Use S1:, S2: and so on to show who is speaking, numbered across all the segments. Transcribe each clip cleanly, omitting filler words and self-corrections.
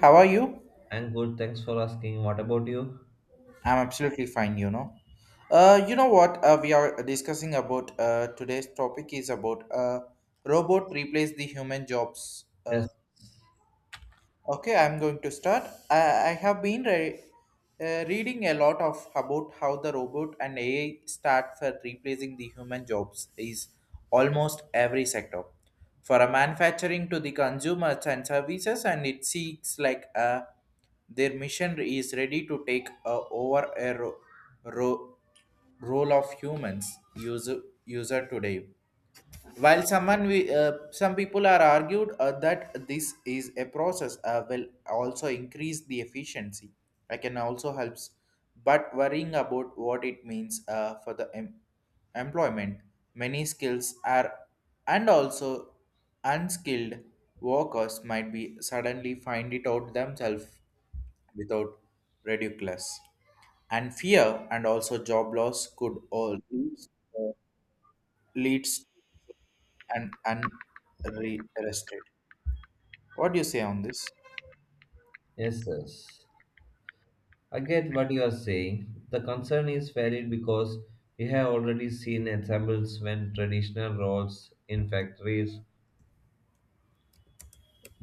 S1: How are you?
S2: I'm good, thanks for asking. What about you?
S1: I'm absolutely fine, you know. You know what We are discussing about today's topic is about robot replace the human jobs.
S2: Yes,
S1: Okay, I'm going to start. I have been reading a lot of about how the robot and AI start for replacing the human jobs is almost every sector, for a manufacturing to the consumers and services, and it seeks like their mission is ready to take over a ro- role of humans user today. While someone we, some people are argued that this is a process will also increase the efficiency. I can also helps, but worrying about what it means for the employment. Many skills are and also unskilled workers might be suddenly find it out themselves without ridiculous and fear and also job loss could all leads, uh, leads and unrested. What do you say on this?
S2: yes, yes. I get what you are saying. The concern is valid because we have already seen examples when traditional roles in factories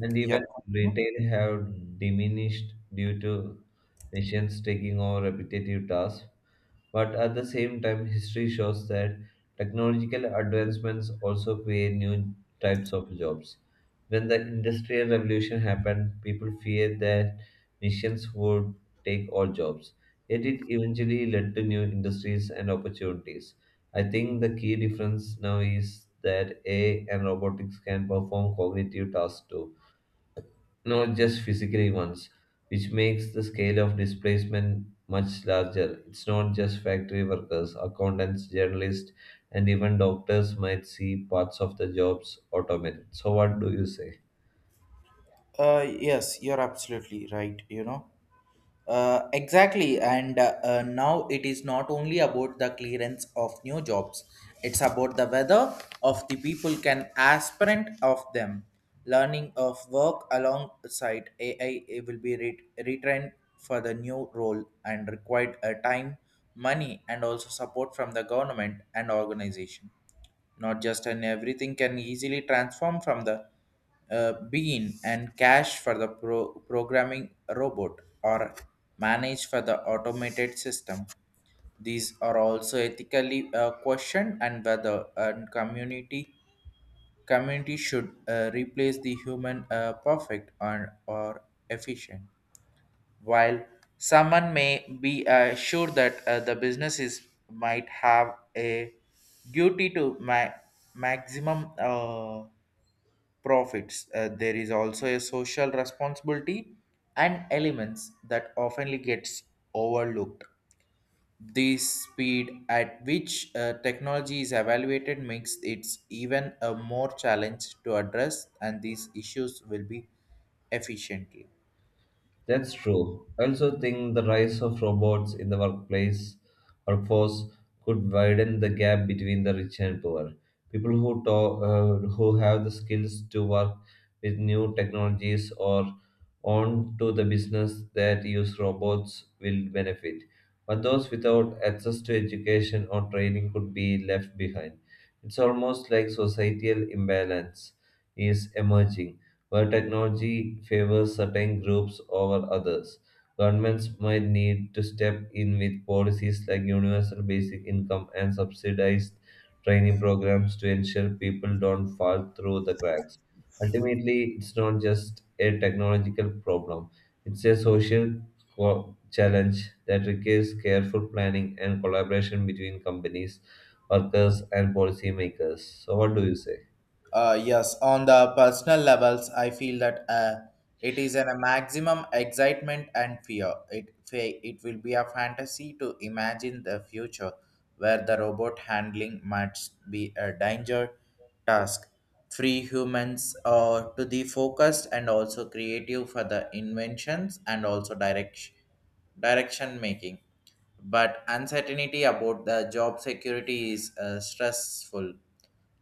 S2: and
S1: Yeah.
S2: even retail have diminished due to machines taking over repetitive tasks. But at the same time, history shows that technological advancements also create new types of jobs. When the Industrial Revolution happened, people feared that machines would take all jobs. Yet it eventually led to new industries and opportunities. I think the key difference now is that AI and robotics can perform cognitive tasks too, not just physically ones, which makes the scale of displacement much larger. It's not just factory workers, accountants, journalists, and even doctors might see parts of the jobs automated. So, what do you say?
S1: Yes, you're absolutely right. You know, exactly. And now it is not only about the clearance of new jobs, it's about the whether of the people can aspirant of them. Learning of work alongside AI, it will be retrained for the new role and required a time, money, and also support from the government and organization. Not just and everything can easily transform from the bean and cash for the programming robot or manage for the automated system. These are also ethically questioned and whether a community should replace the human perfect or efficient, while someone may be sure that the businesses might have a duty to maximum profits. There is also a social responsibility and elements that often gets overlooked. The speed at which technology is evaluated makes it even a more challenge to address, and these issues will be efficiently.
S2: That's true. I also think the rise of robots in the workplace workforce could widen the gap between the rich and poor. People who who have the skills to work with new technologies or on to the business that use robots will benefit. But those without access to education or training could be left behind. It's almost like societal imbalance is emerging where technology favors certain groups over others. Governments might need to step in with policies like universal basic income and subsidized training programs to ensure people don't fall through the cracks. Ultimately, it's not just a technological problem, it's a social challenge that requires careful planning and collaboration between companies, workers, and policymakers. So, what do you say?
S1: Yes, on the personal levels, I feel that it is an, a maximum excitement and fear. It it will be a fantasy to imagine the future where the robot handling might be a danger task, free humans to the focused and also creative for the inventions and also direction making. But uncertainty about the job security is stressful.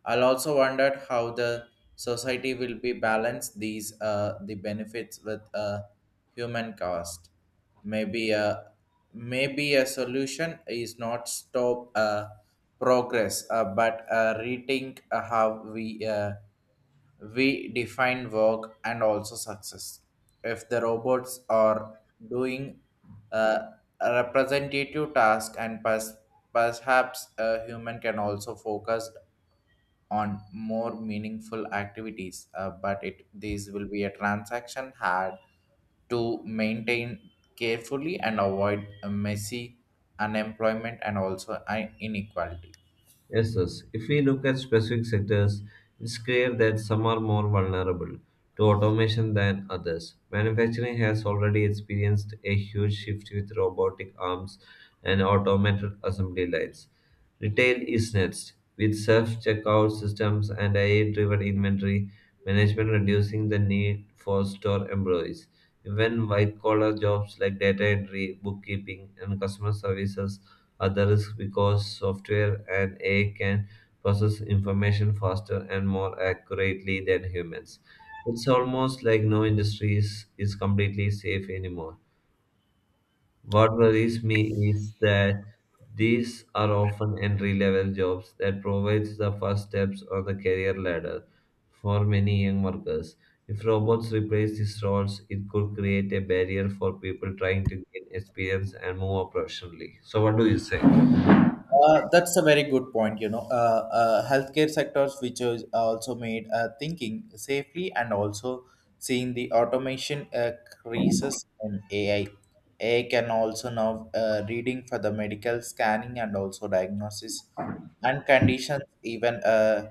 S1: I'll also wondered how the society will be balanced these the benefits with a human cost. Maybe a maybe a solution is not stop progress, but rethink how we define work and also success. If the robots are doing uh, a representative task and perhaps a human can also focus on more meaningful activities, but it these will be a transaction had to maintain carefully and avoid a messy unemployment and also inequality.
S2: Yes, yes. If we look at specific sectors, it's clear that some are more vulnerable to automation than others. Manufacturing has already experienced a huge shift with robotic arms and automated assembly lines. Retail is next, with self-checkout systems and AI-driven inventory management reducing the need for store employees. Even white-collar jobs like data entry, bookkeeping, and customer services others, because software and AI can process information faster and more accurately than humans. It's almost like no industry is completely safe anymore. What worries me is that these are often entry-level jobs that provides the first steps on the career ladder for many young workers. If robots replace these roles, it could create a barrier for people trying to gain experience and move up professionally. So, what do you say?
S1: That's a very good point. You know, healthcare sectors, which is also made thinking safely and also seeing the automation increases in AI. AI can also now reading for the medical scanning and also diagnosis and conditions, even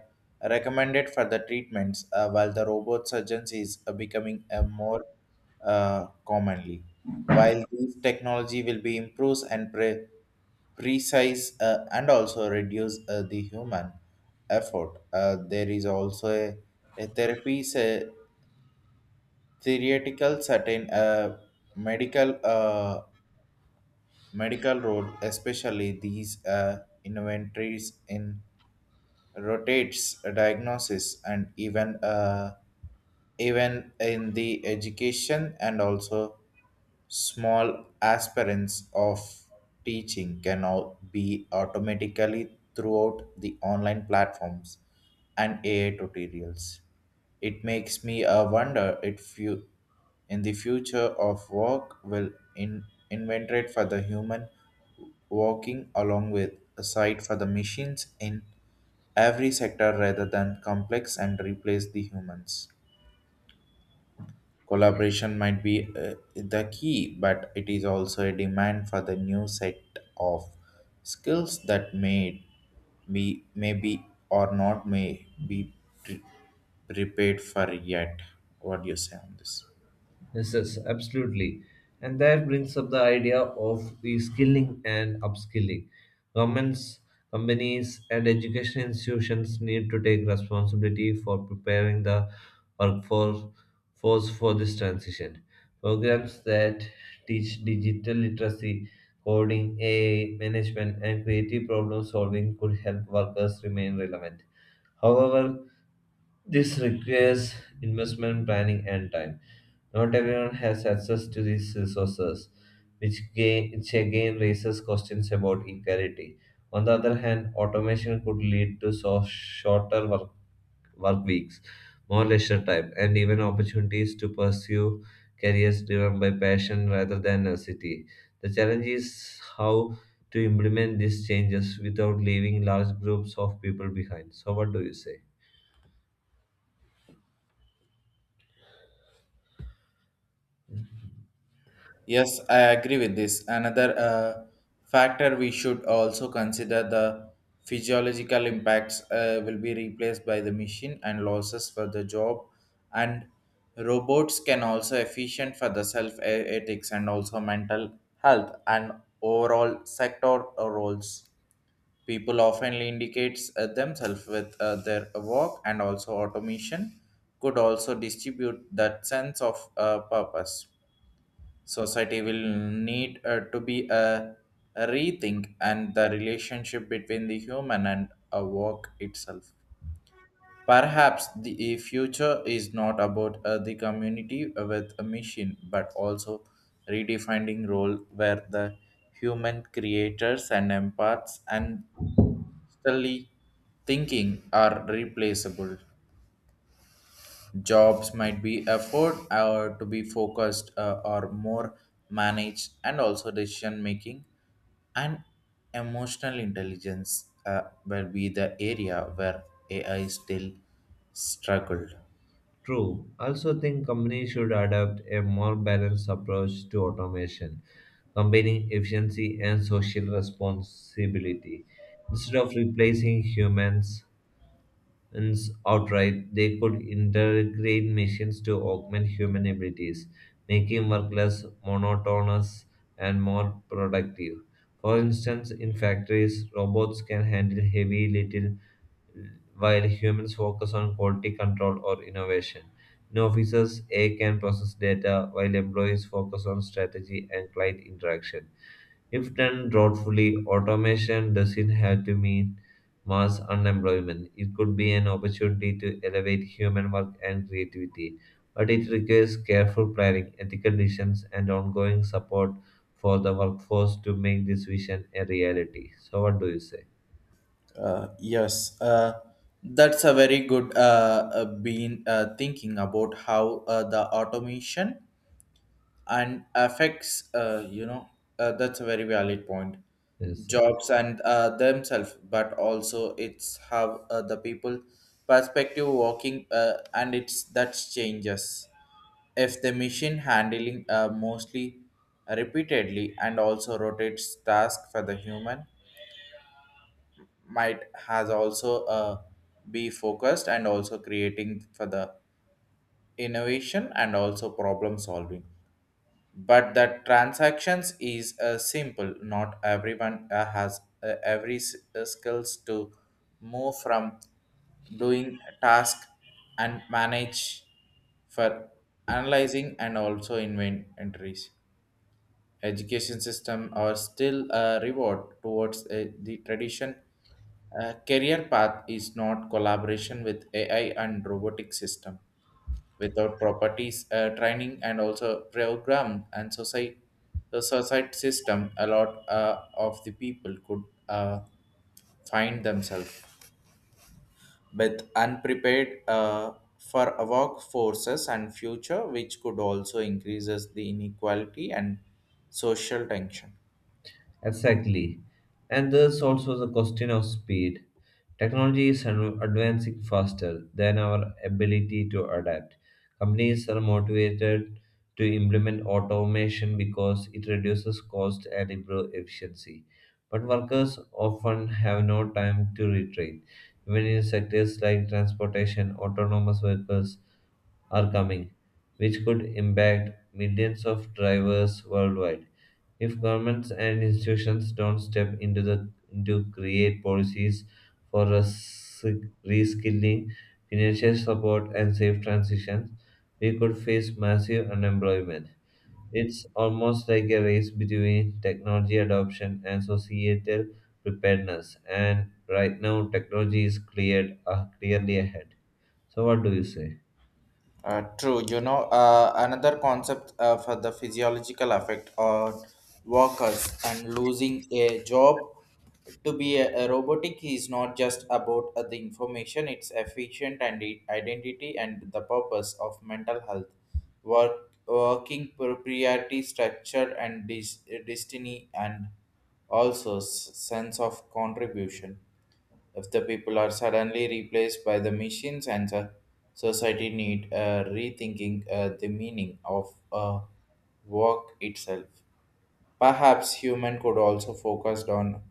S1: recommended for the treatments. While the robot surgeons is becoming more commonly. While this technology will be improved and precise and also reduce the human effort, there is also a therapy, a theoretical certain medical medical role, especially these inventories in rotates diagnosis and even even in the education and also small aspirants of teaching can now be automatically throughout the online platforms and AI tutorials. It makes me wonder if you, in the future of work, will inventory for the human working along with a site for the machines in every sector rather than complex and replace the humans. Collaboration might be the key, but it is also a demand for the new set of skills that may be or not may be pre- prepared for yet. What do you say on this?
S2: Yes, yes, absolutely. And that brings up the idea of reskilling and upskilling. Governments, companies, and education institutions need to take responsibility for preparing the workforce for this transition. Programs that teach digital literacy, coding, AI, management, and creative problem solving could help workers remain relevant. However, this requires investment planning and time. Not everyone has access to these resources, which again raises questions about equality. On the other hand, automation could lead to shorter work weeks, more leisure time, and even opportunities to pursue careers driven by passion rather than necessity. The challenge is how to implement these changes without leaving large groups of people behind. So, what do you say?
S1: Yes, I agree with this. Another factor we should also consider the physiological impacts will be replaced by the machine and losses for the job, and robots can also efficient for the self ethics and also mental health and overall sector roles. People often indicates themselves with their work, and also automation could also distribute that sense of purpose. Society will need to be a rethink and the relationship between the human and a work itself. Perhaps the future is not about the community with a machine, but also redefining role where the human creators and empaths and still thinking are replaceable. Jobs might be afford or to be focused or more managed, and also decision making and emotional intelligence will be the area where AI still struggled.
S2: True. Also think companies should adopt a more balanced approach to automation, combining efficiency and social responsibility. Instead of replacing humans ins outright, they could integrate machines to augment human abilities, making work less monotonous and more productive. For instance, in factories, robots can handle heavy little while humans focus on quality control or innovation. In offices, AI can process data while employees focus on strategy and client interaction. If done thoughtfully, automation doesn't have to mean mass unemployment. It could be an opportunity to elevate human work and creativity, but it requires careful planning, ethical decisions, and ongoing support for the workforce to make this vision a reality. So, what do you say?
S1: Uh, yes, uh, that's a very good been thinking about how the automation and affects that's a very valid point.
S2: Yes, sir.
S1: Jobs and themselves but also it's how the people perspective working and it's that changes if the machine handling mostly repeatedly and also rotates task for the human might has also be focused and also creating for the innovation and also problem solving, but the transactions is simple not everyone has every skills to move from doing task and manage for analyzing and also inventories. Education system are still a reward towards the tradition career path is not collaboration with ai and robotic system without properties training and also program and society. The society system a lot of the people could uh, find themselves but unprepared for a workforces and future which could also increases the inequality and social tension.
S2: Exactly. And there's also the question of speed. Technology is advancing faster than our ability to adapt. Companies are motivated to implement automation because it reduces cost and improves efficiency. But workers often have no time to retrain. Even in sectors like transportation, autonomous vehicles are coming, which could impact millions of drivers worldwide. If governments and institutions don't step into create policies for reskilling, financial support, and safe transitions, we could face massive unemployment. It's almost like a race between technology adoption and societal preparedness, and right now technology is cleared clearly ahead. So, what do you say?
S1: True, you know, another concept for the physiological effect on workers and losing a job to be a robotic is not just about the information, it's efficient and identity and the purpose of mental health, work, working propriety, structure, and destiny, and also sense of contribution. If the people are suddenly replaced by the machines and the society need rethinking the meaning of work itself. Perhaps human could also focused on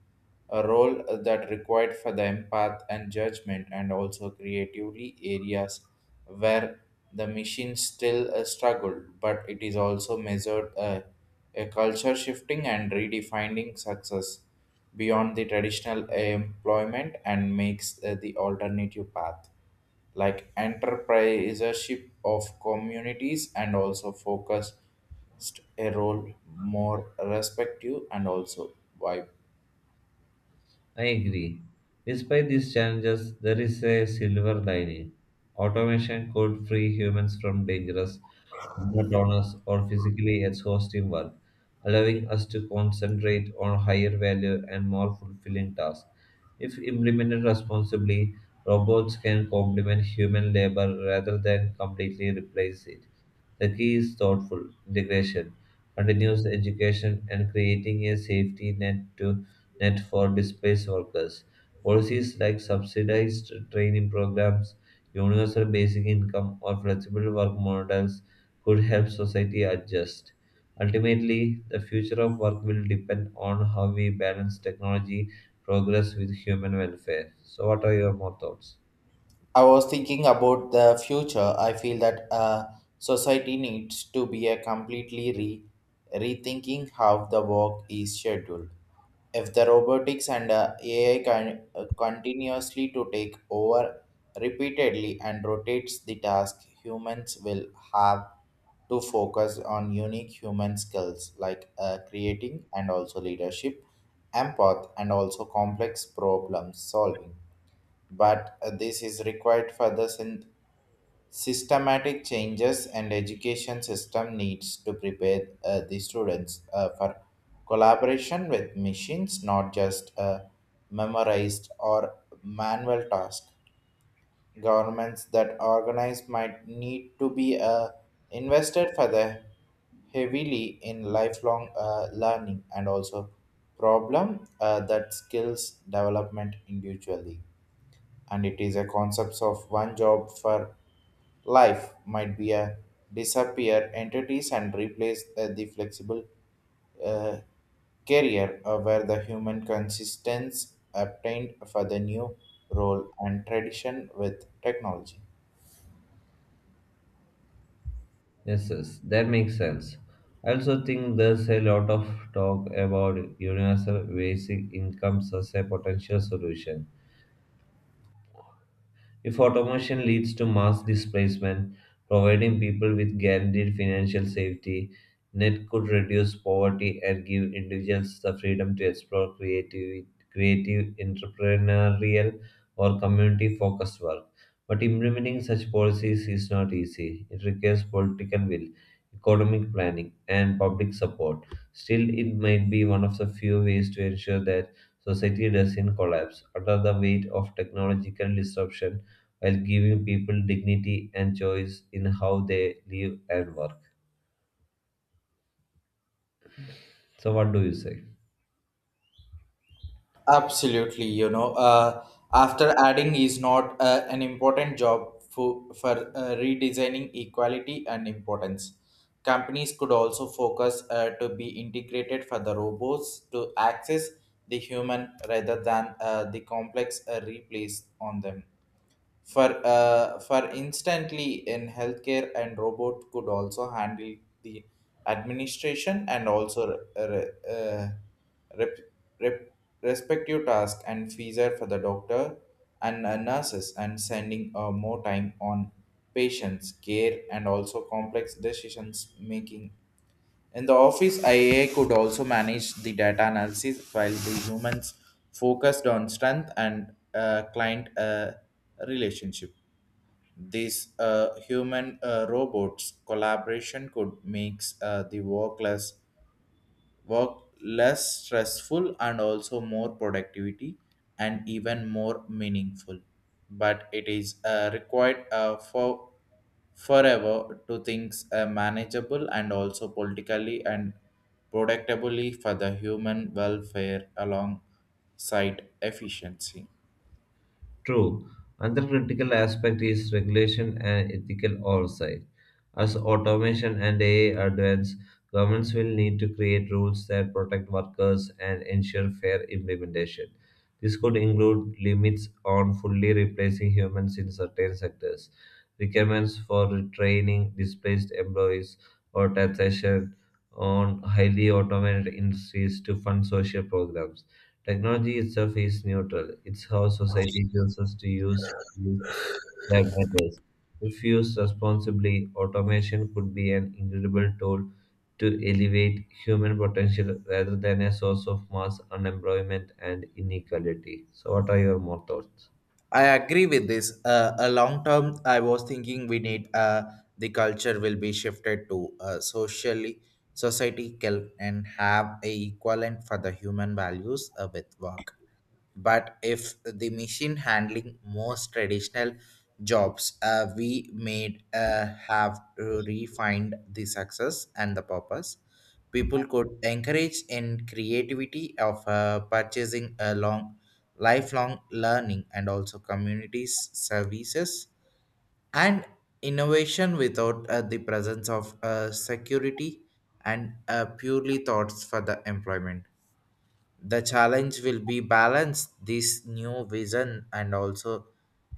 S1: a role that required for the empath and judgment and also creatively areas where the machine still struggled, but it is also measured a culture shifting and redefining success beyond the traditional employment and makes the alternative path like enterprisership of communities and also focused a role more respective and also vibrant.
S2: I agree. Despite these challenges, there is a silver lining. Automation could free humans from dangerous, monotonous, or physically exhausting work, allowing us to concentrate on higher value and more fulfilling tasks. If implemented responsibly, robots can complement human labor rather than completely replace it. The key is thoughtful integration, continuous education, and creating a safety net for displaced workers. Policies like subsidized training programs, universal basic income, or flexible work models could help society adjust. Ultimately, the future of work will depend on how we balance technology progress with human welfare. So, what are your more thoughts?
S1: I was thinking about the future. I feel that society needs to be a completely rethinking how the work is scheduled. If the robotics and AI can continuously to take over repeatedly and rotates the task, humans will have to focus on unique human skills like creating and also leadership, empath, and also complex problem solving. But this is required for the systematic changes and education system needs to prepare the students for collaboration with machines, not just memorized or manual tasks. Governments that organize might need to be invested for the heavily in lifelong learning and also problem that skills development individually. And it is a concept of one job for life might be a disappear entities and replace the flexible uh, career where the human consistence obtained for the new role and tradition with technology.
S2: Yes, yes, that makes sense. I also think there's a lot of talk about universal basic incomes as a potential solution. If automation leads to mass displacement, providing people with guaranteed financial safety net could reduce poverty and give individuals the freedom to explore creative, entrepreneurial, or community focused work. But implementing such policies is not easy. It requires political will, economic planning, and public support. Still, it might be one of the few ways to ensure that society doesn't collapse under the weight of technological disruption while giving people dignity and choice in how they live and work. So, what do you say?
S1: Absolutely, you know, after adding is not an important job for redesigning equality and importance. Companies could also focus to be integrated for the robots to access the human rather than the complex replace on them. For instantly in healthcare and robot could also handle the administration and also re- re- uh, rep, rep, respective task and feature for the doctor and nurses and sending more time on patients care and also complex decisions making. In the office ia could also manage the data analysis while the humans focused on strength and client relationship. This human robots collaboration could make work less stressful and also more productivity and even more meaningful. But it is required for forever to things manageable and also politically and productively for the human welfare alongside efficiency.
S2: True, another critical aspect is regulation and ethical oversight. As automation and AI advance, governments will need to create rules that protect workers and ensure fair implementation. This could include limits on fully replacing humans in certain sectors, requirements for retraining displaced employees, or taxation on highly automated industries to fund social programs. Technology itself is neutral. It's how society tells us to use it that matters. If used responsibly, automation could be an incredible tool to elevate human potential rather than a source of mass unemployment and inequality. So, what are your more thoughts?
S1: I agree with this. A long term, I was thinking we need the culture will be shifted to socially, society can and have a equivalent for the human values with work. But if the machine handling most traditional jobs, we may have to refined the success and the purpose. People could encourage in creativity of purchasing a long lifelong learning and also communities services and innovation without the presence of security and purely thoughts for the employment. The challenge will be balance this new vision and also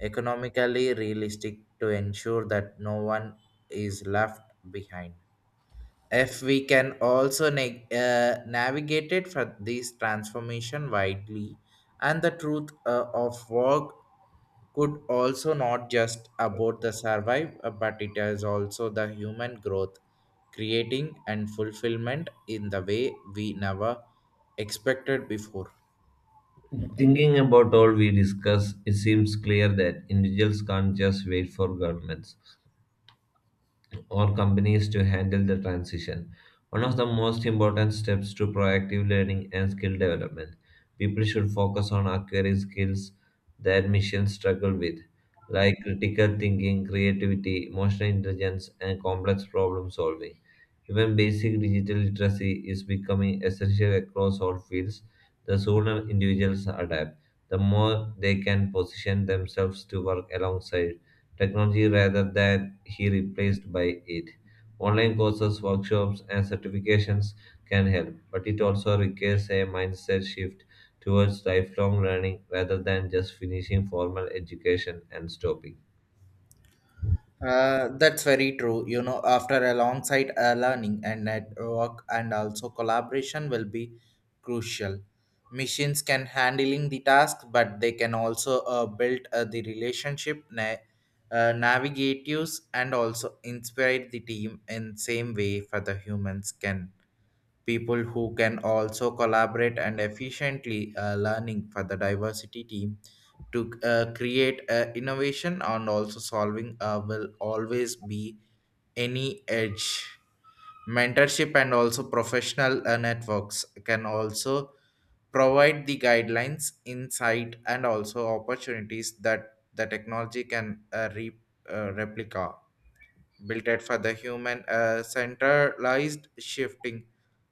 S1: economically realistic to ensure that no one is left behind. If we can also navigate it for this transformation widely, and the truth of work could also not just about the survive, but it is also the human growth, creating and fulfillment in the way we never expected before.
S2: Thinking about all we discuss, it seems clear that individuals can't just wait for governments or companies to handle the transition. One of the most important steps to proactive learning and skill development. People should focus on acquiring skills that missions struggle with, like critical thinking, creativity, emotional intelligence, and complex problem solving. Even basic digital literacy is becoming essential across all fields. The sooner individuals adapt, the more they can position themselves to work alongside technology rather than he replaced by it. Online courses, workshops, and certifications can help, but it also requires a mindset shift towards lifelong learning rather than just finishing formal education and stopping.
S1: That's very true. After alongside learning and network and also collaboration will be crucial. Machines can handling the task, but they can also build the relationship, navigate use, and also inspire the team in same way for the humans can. People who can also collaborate and efficiently learning for the diversity team to create innovation and also solving will always be any edge. Mentorship and also professional networks can also provide the guidelines insight and also opportunities that the technology can replica built it for the human centralized shifting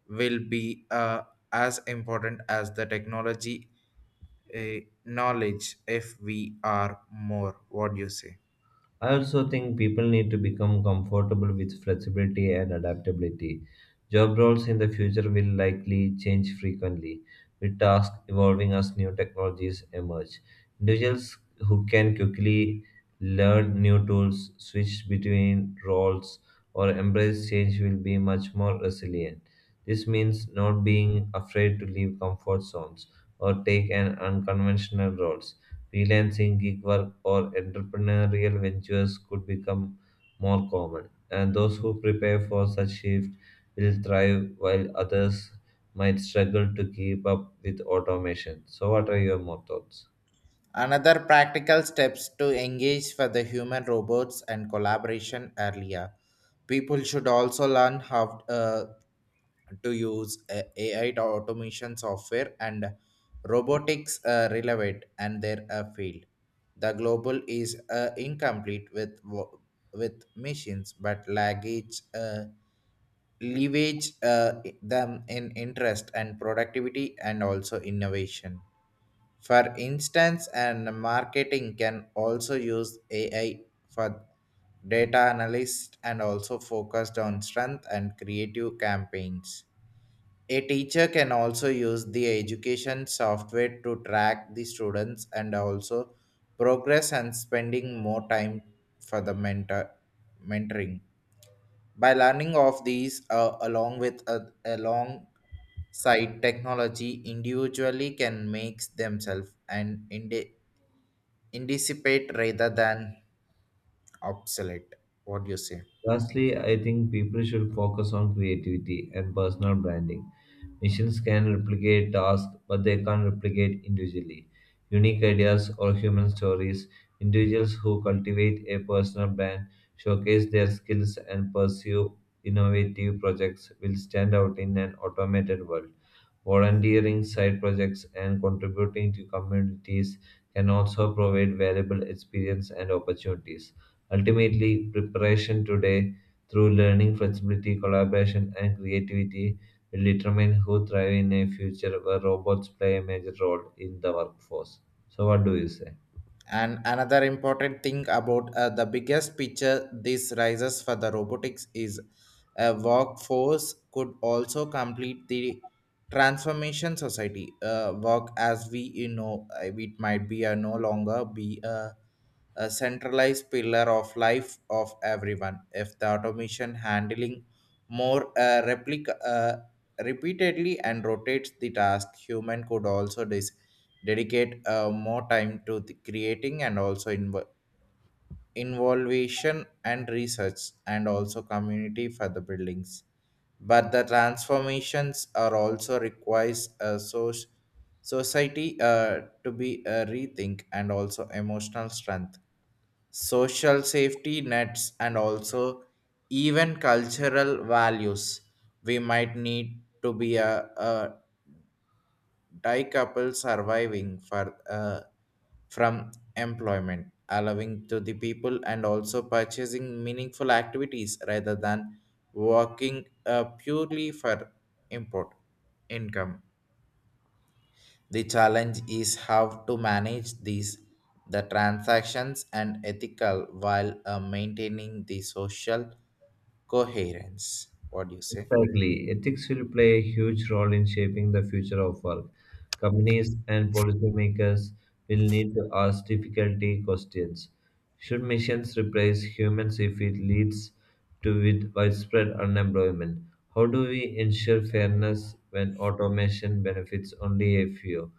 S1: will be as important as the technology knowledge, if we are more, what do you say?
S2: I also think people need to become comfortable with flexibility and adaptability. Job roles in the future will likely change frequently, with tasks evolving as new technologies emerge. Individuals who can quickly learn new tools, switch between roles, or embrace change will be much more resilient. This means not being afraid to leave comfort zones or take an unconventional roles freelancing, gig work, or entrepreneurial ventures could become more common. And those who prepare for such shift will thrive, while others might struggle to keep up with automation. So, what are your more thoughts?
S1: Another practical steps to engage for the human robots and collaboration earlier, people should also learn how to use AI to automation software and robotics relevant and their field. The global is incomplete with with machines, but luggage leverage them in interest and productivity and also innovation. For instance, and marketing can also use AI for data analyst and also focused on strength and creative campaigns. A teacher can also use the education software to track the students and also progress and spending more time for the mentoring. By learning of these along with alongside technology, individually can make themselves and anticipate rather than obsolete. What do you say?
S2: Lastly, I think people should focus on creativity and personal branding. Machines can replicate tasks, but they can't replicate individually. Unique ideas or human stories, individuals who cultivate a personal brand, showcase their skills, and pursue innovative projects will stand out in an automated world volunteering, side projects, and contributing to communities can also provide valuable experience and opportunities. Ultimately, preparation today through learning, flexibility, collaboration, and creativity will determine who thrive in a future where robots play a major role in the workforce. So, what do you say?
S1: And another important thing about the biggest picture this rises for the robotics is a workforce could also complete the transformation society work as we it might be a no longer be a centralized pillar of life of everyone. If the automation handling more replica repeatedly and rotates the task, human could also decide dedicate more time to the creating and also involvation and research and also community for the buildings. But the transformations are also requires a society to be a rethink and also emotional strength, social safety nets and also even cultural values. We might need to be a die couple surviving for from employment, allowing to the people and also purchasing meaningful activities rather than working purely for import income. The challenge is how to manage these, the transactions and ethical while maintaining the social coherence. What do you say?
S2: Exactly. Ethics will play a huge role in shaping the future of work. Companies and policymakers will need to ask difficulty questions. Should machines replace humans if it leads to with widespread unemployment? How do we ensure fairness when automation benefits only a few?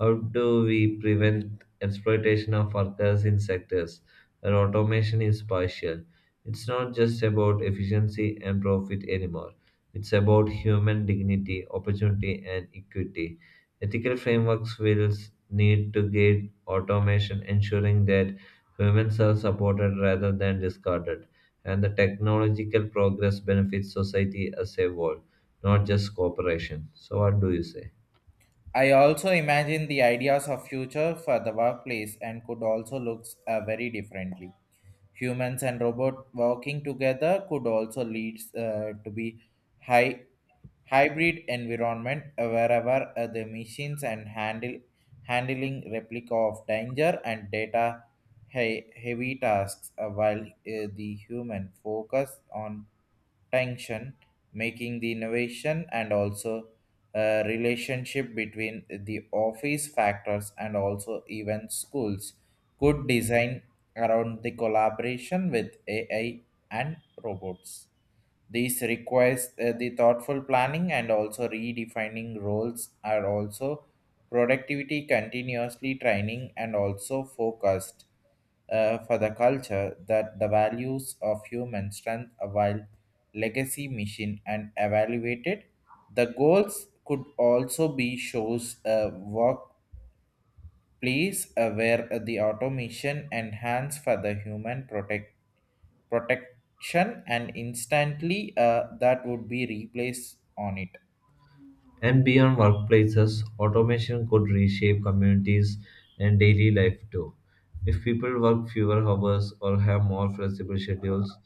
S2: How do we prevent exploitation of workers in sectors where automation is partial? It's not just about efficiency and profit anymore. It's about human dignity, opportunity, and equity. Ethical frameworks will need to guide automation, ensuring that humans are supported rather than discarded, and the technological progress benefits society as a whole, not just corporations. So, what do you say?
S1: I also imagine the ideas of future for the workplace and could also looks very differently. Humans and robot working together could also lead to be high hybrid environment wherever the machines and handle handling replica of danger and data heavy tasks while the human focus on tension, making the innovation and also relationship between the office factors and also even schools could design around the collaboration with AI and robots. This requires the thoughtful planning and also redefining roles are also productivity continuously training and also focused for the culture that the values of human strength while legacy mission and evaluated the goals could also be shows a workplace where the automation enhance for the human protection and instantly that would be replaced on it.
S2: And beyond workplaces, automation could reshape communities and daily life too. If people work fewer hours or have more flexible schedules,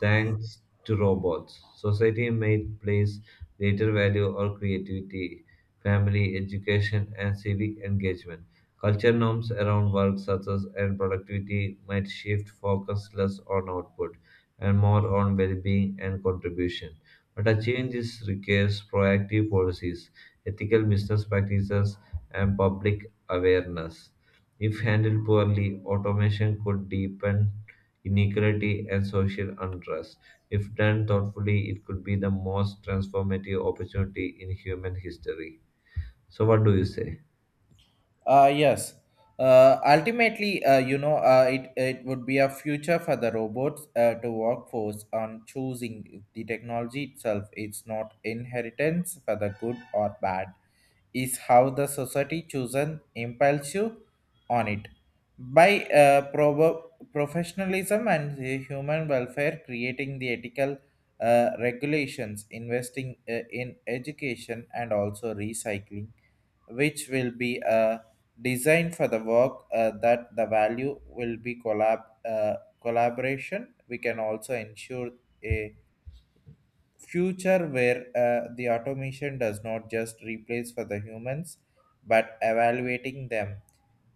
S2: thanks to robots, society may place greater value on creativity, family, education, and civic engagement. Culture norms around work success and productivity might shift focus less on output and more on well-being and contribution. But achieving this requires proactive policies, ethical business practices, and public awareness. If handled poorly, automation could deepen inequality and social unrest. If done thoughtfully, it could be the most transformative opportunity in human history. So, what do you say?
S1: Yes. Ultimately, it would be a future for the robots to workforce on choosing the technology itself. It's not inheritance for the good or bad. Is how the society chosen impels you on it. By professionalism and the human welfare, creating the ethical regulations, investing in education and also recycling, which will be a designed for the work that the value will be collaboration, we can also ensure a future where the automation does not just replace for the humans but evaluating them.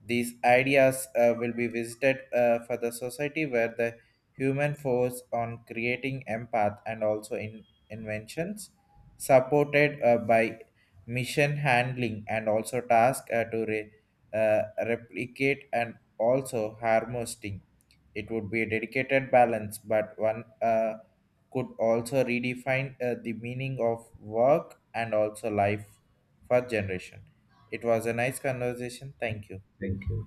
S1: These ideas will be visited for the society where the human force on creating empath and also in inventions supported by mission handling and also task, to uh, replicate and also harvesting. It would be a dedicated balance, but one could also redefine the meaning of work and also life for generation. It was a nice conversation. Thank you.
S2: Thank you.